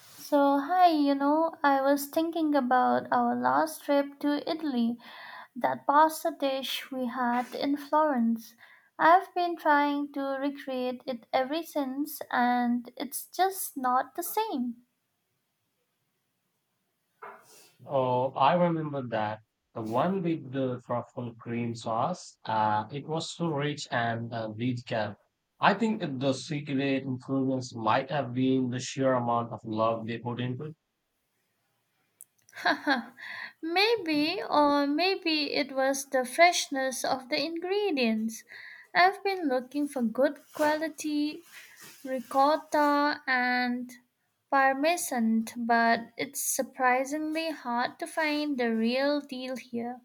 So, hi, I was thinking about our last trip to Italy, that pasta dish we had in Florence. I've been trying to recreate it ever since, and it's just not the same. Oh, I remember that. The one with the truffle cream sauce. It was so rich and detailed. I think that the secret influence might have been the sheer amount of love they put into it. Maybe, or maybe it was the freshness of the ingredients. I've been looking for good quality ricotta and parmesan, but it's surprisingly hard to find the real deal here.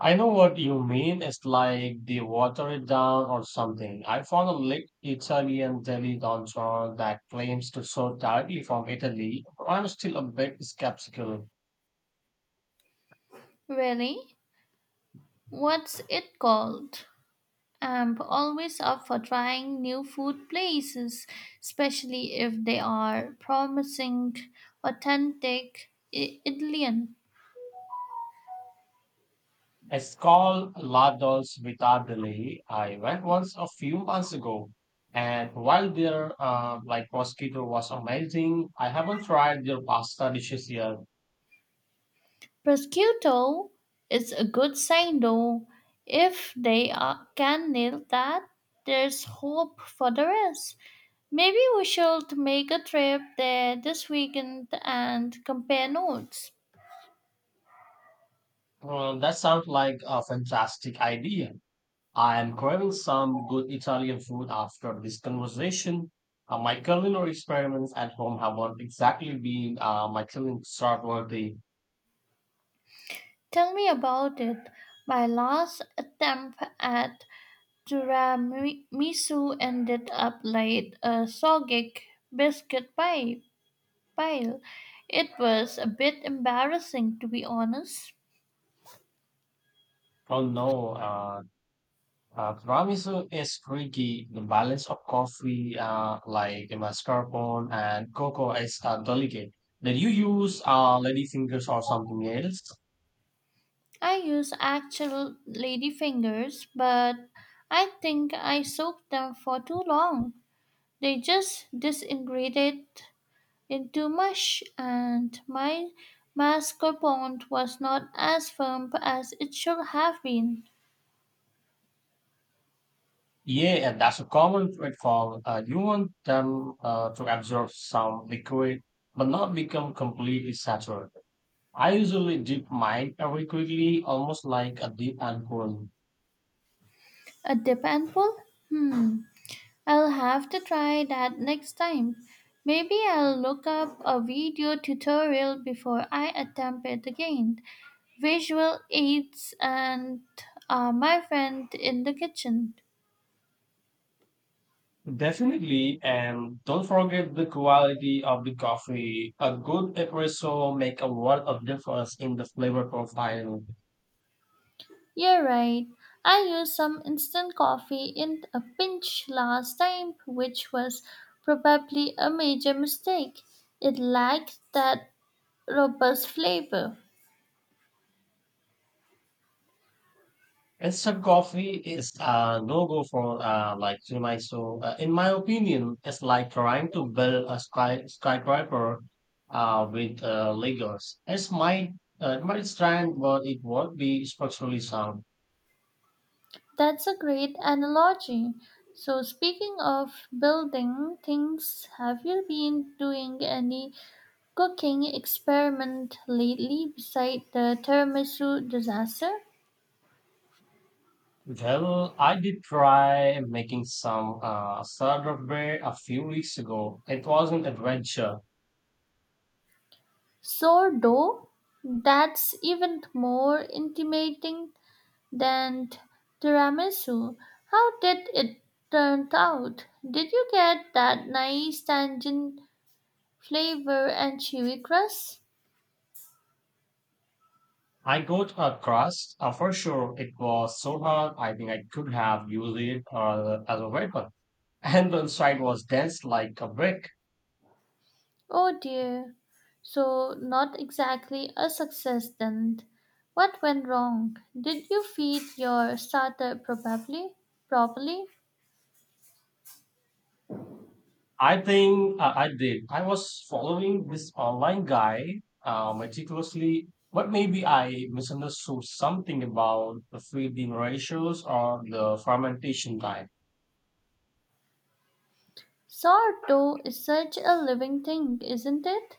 I know what you mean. It's like they water it down or something. I found a lit Italian deli donjon that claims to source directly from Italy, but I'm still a bit skeptical. Really? What's it called? I'm always up for trying new food places, especially if they are promising, authentic Italian. It's called La Dolce Vita Deli. I went once a few months ago, and while their like mosquito was amazing, I haven't tried their pasta dishes yet. Prosciutto is a good sign though. If they are, can nail that, there's hope for the rest. Maybe we should make a trip there this weekend and compare notes. That sounds like a fantastic idea. I am craving some good Italian food after this conversation. My culinary experiments at home have not exactly been my killing start worthy. Tell me about it. My last attempt at tiramisu ended up like a soggy biscuit pie- pile. It was a bit embarrassing, to be honest. Oh no, tiramisu is tricky. The balance of coffee, like mascarpone and cocoa, is delicate. Did you use ladyfingers or something else? I used actual lady fingers, but I think I soaked them for too long. They just disintegrated into mush, and my mascarpone was not as firm as it should have been. Yeah, and that's a common pitfall. You want them to absorb some liquid, but not become completely saturated. I usually dip mine very quickly, almost like a deep alcohol. A dip and pull? Hmm, I'll have to try that next time. Maybe I'll look up a video tutorial before I attempt it again. Visual aids and my friend in the kitchen. Definitely, and don't forget the quality of the coffee. A good espresso make a world of difference in the flavor profile. You're right. I used some instant coffee in a pinch last time, which was probably a major mistake. It lacked that robust flavor. Instant coffee is a no-go for like to my so in my opinion, it's like trying to build a skyscraper with Legos. It might stand, but it won't be structurally sound. That's a great analogy. So, speaking of building things, have you been doing any cooking experiment lately beside the tiramisu disaster? Well, I did try making some sourdough bread a few weeks ago. It was an adventure. Sourdough? That's even more intimidating then tiramisu. How did it turn out? Did you get that nice tangent flavor and chewy crust? I got a crust. For sure, it was so hard. I think I could have used it as a weapon. And the side was dense like a brick. Oh dear. So not exactly a success then. What went wrong? Did you feed your starter probably properly? I think I did. I was following this online guy meticulously, but maybe I misunderstood something about the feeding ratios or the fermentation time. Sourdough is such a living thing, isn't it?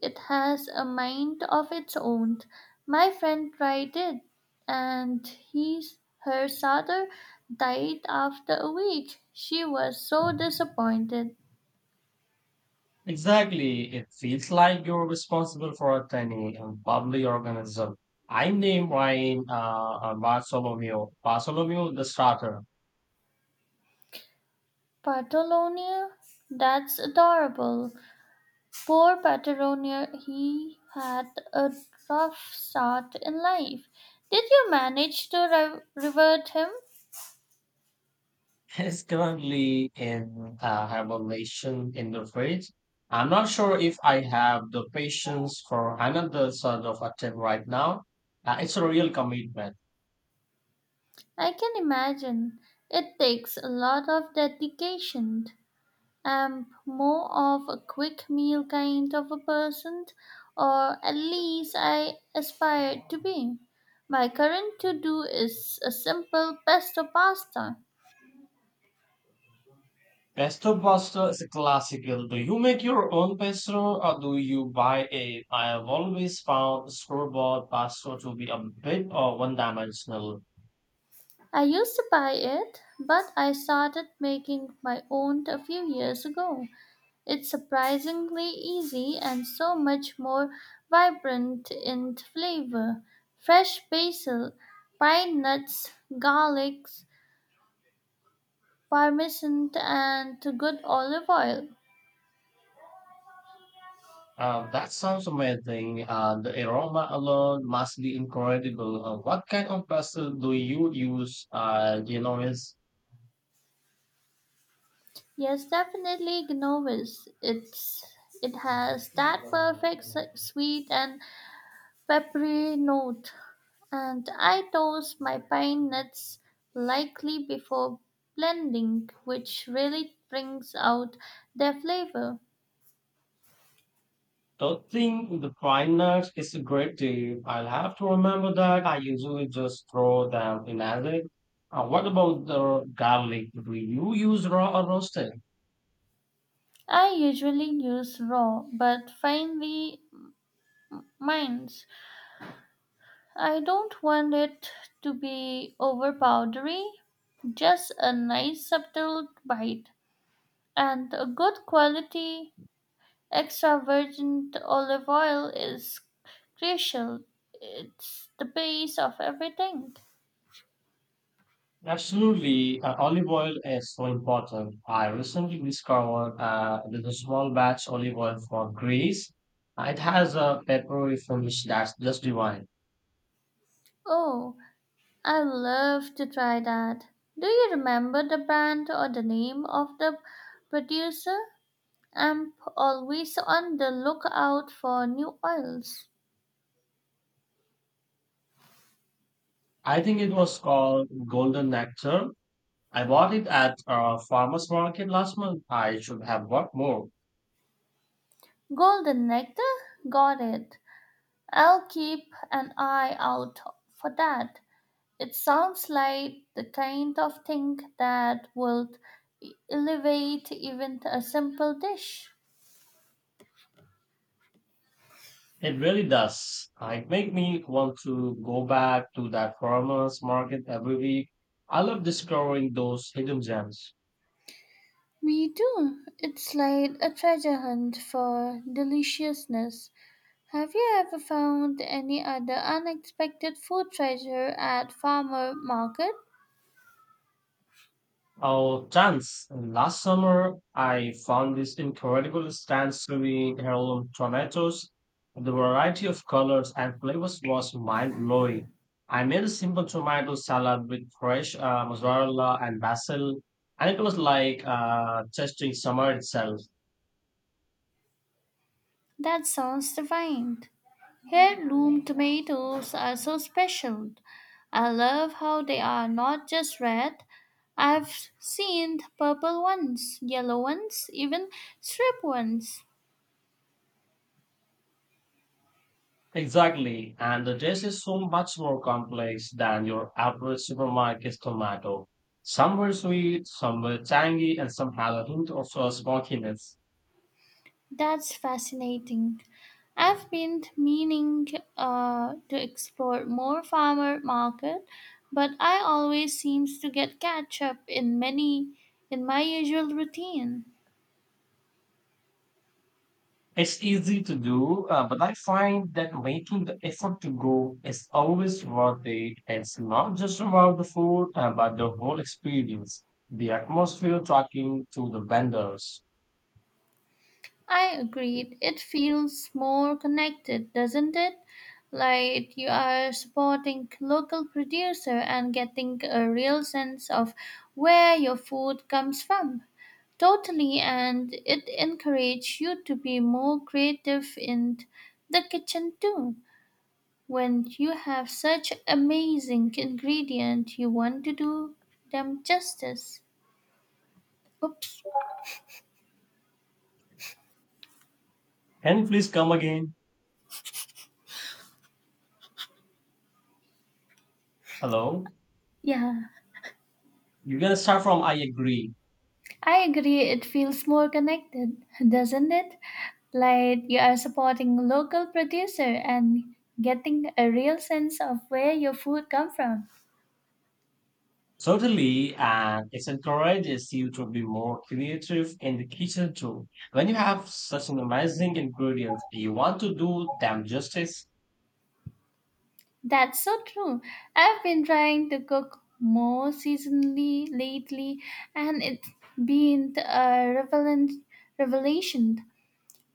It has a mind of its own. My friend tried it, and his, her father died after a week. She was so disappointed. Exactly. It feels like you're responsible for a tiny and bubbly organism. I named mine Bartholomew. Bartholomew the starter. Patagonia? That's adorable. Poor Patagonia, he had a rough start in life. Did you manage to revert him? It's currently in hibernation in the fridge. I'm not sure if I have the patience for another sort of attempt right now. It's a real commitment. I can imagine. It takes a lot of dedication. I am more of a quick meal kind of a person, or at least I aspire to be. My current to do is a simple pesto pasta. Pesto pasta is a classical. Do you make your own pesto or do you buy it? I have always found store bought pasta to be a bit or one dimensional. I used to buy it, but I started making my own a few years ago. It's surprisingly easy and so much more vibrant in flavor. Fresh basil, pine nuts, garlics, Parmesan and good olive oil. That sounds amazing. The aroma alone must be incredible. What kind of vessel do you use? Is Yes, definitely Genovese. It has that perfect sweet and peppery note. And I toast my pine nuts lightly before blending, which really brings out their flavor. topping the pine nuts is a great tip. I'll have to remember that. I usually just throw them in acid. What about the garlic? Do you use raw or roasted? I usually use raw but finely minds. I don't want it to be overpowdery, just a nice subtle bite. And a good quality extra virgin olive oil is crucial. It's the base of everything. Absolutely, olive oil is so important. I recently discovered there's a small batch olive oil from Greece. It has a peppery finish that's just divine. Oh, I love to try that. Do you remember the brand or the name of the producer? I'm always on the lookout for new oils. I think it was called Golden Nectar. I bought it at a farmer's market last month. I should have bought more. Golden Nectar? Got it. I'll keep an eye out for that. It sounds like the kind of thing that would elevate even a simple dish. It really does. It make me want to go back to that farmer's market every week. I love discovering those hidden gems. We do. It's like a treasure hunt for deliciousness. Have you ever found any other unexpected food treasure at farmer market? Oh, dance. Last summer, I found these incredible stands serving heirloom tomatoes. The variety of colors and flavors was mind-blowing. I made a simple tomato salad with fresh mozzarella and basil, and it was like tasting summer itself. That sounds divine. Heirloom tomatoes are so special. I love how they are not just red. I've seen purple ones, yellow ones, even striped ones. Exactly. And the dish is so much more complex than your average supermarket tomato. Some were sweet, some were tangy, and some had a hint of smokiness. That's fascinating. I've been meaning to explore more farmer market, but I always seems to get catch up in many in my usual routine. It's easy to do, but I find that making the effort to go is always worth it. It's not just about the food, but the whole experience, the atmosphere talking to the vendors. I agreed. It feels more connected, doesn't it? Like you are supporting local producer and getting a real sense of where your food comes from. Totally, and it encourages you to be more creative in the kitchen too. When you have such amazing ingredient, you want to do them justice. Oops. Can you please come again? Hello? Yeah. You're gonna start from I agree. I agree, it feels more connected, doesn't it? Like you are supporting local producer and getting a real sense of where your food come from. Certainly, and it encourages you to be more creative in the kitchen too. When you have such an amazing ingredients, you want to do them justice. That's so true. I've been trying to cook more seasonally lately and it's been a revelant revelation.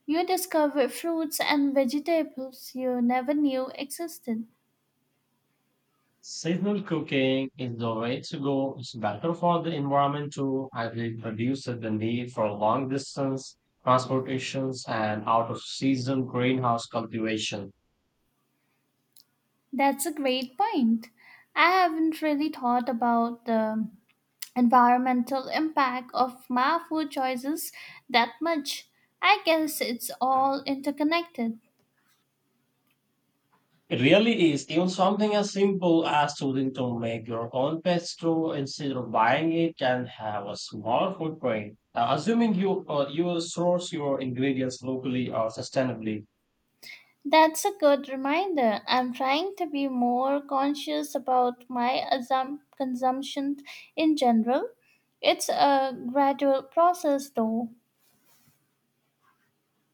You discover fruits and vegetables you never knew existed. Seasonal cooking is the way to go. It's better for the environment too, as it reduces the need for long distance transportations and out of season greenhouse cultivation. That's a great point. I haven't really thought about the environmental impact of my food choices that much. I guess it's all interconnected. It really is. Even something as simple as choosing to make your own pet store instead of buying it can have a small footprint. Assuming you you source your ingredients locally or sustainably, That's a good reminder. I'm trying to be more conscious about my consumption in general. It's a gradual process though.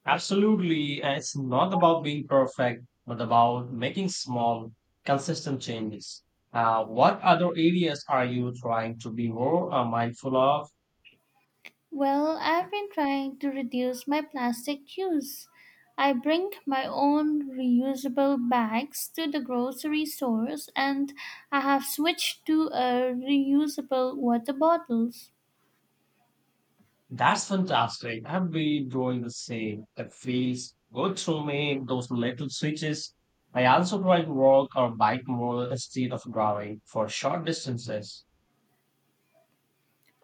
absolutely, and it's not about being perfect, but about making small, consistent changes. What other areas are you trying to be more mindful of? Well, I've been trying to reduce my plastic use. I bring my own reusable bags to the grocery stores and I have switched to reusable water bottles. That's fantastic. I've been doing the same. It feels good through me, those little switches. I also try to walk or bike more instead of driving for short distances.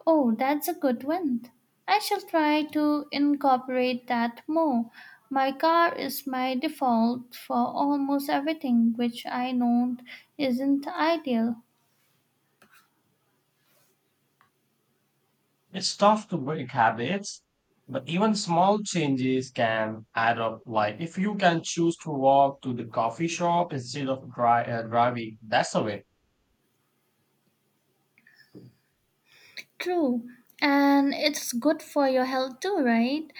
Oh, that's a good one. I shall try to incorporate that more. My car is my default for almost everything, which I know isn't ideal. It's tough to break habits, but even small changes can add up. Like if you can choose to walk to the coffee shop instead of driving, that's a win. True, and it's good for your health too, right?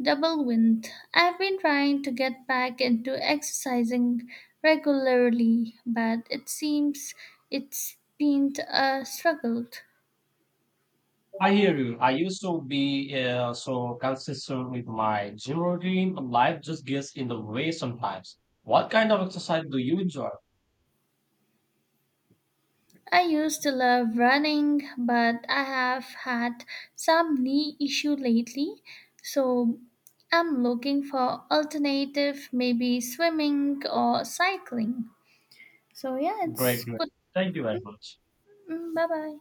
Double wind. I've been trying to get back into exercising regularly, but it seems it's been a struggle. I hear you. I used to be so consistent with my gym routine, but life just gets in the way sometimes. What kind of exercise do you enjoy? I used to love running, but I have had some knee issue lately, so I'm looking for alternative, maybe swimming or cycling. So yeah, it's Great, great. good. Thank you very much. Bye bye.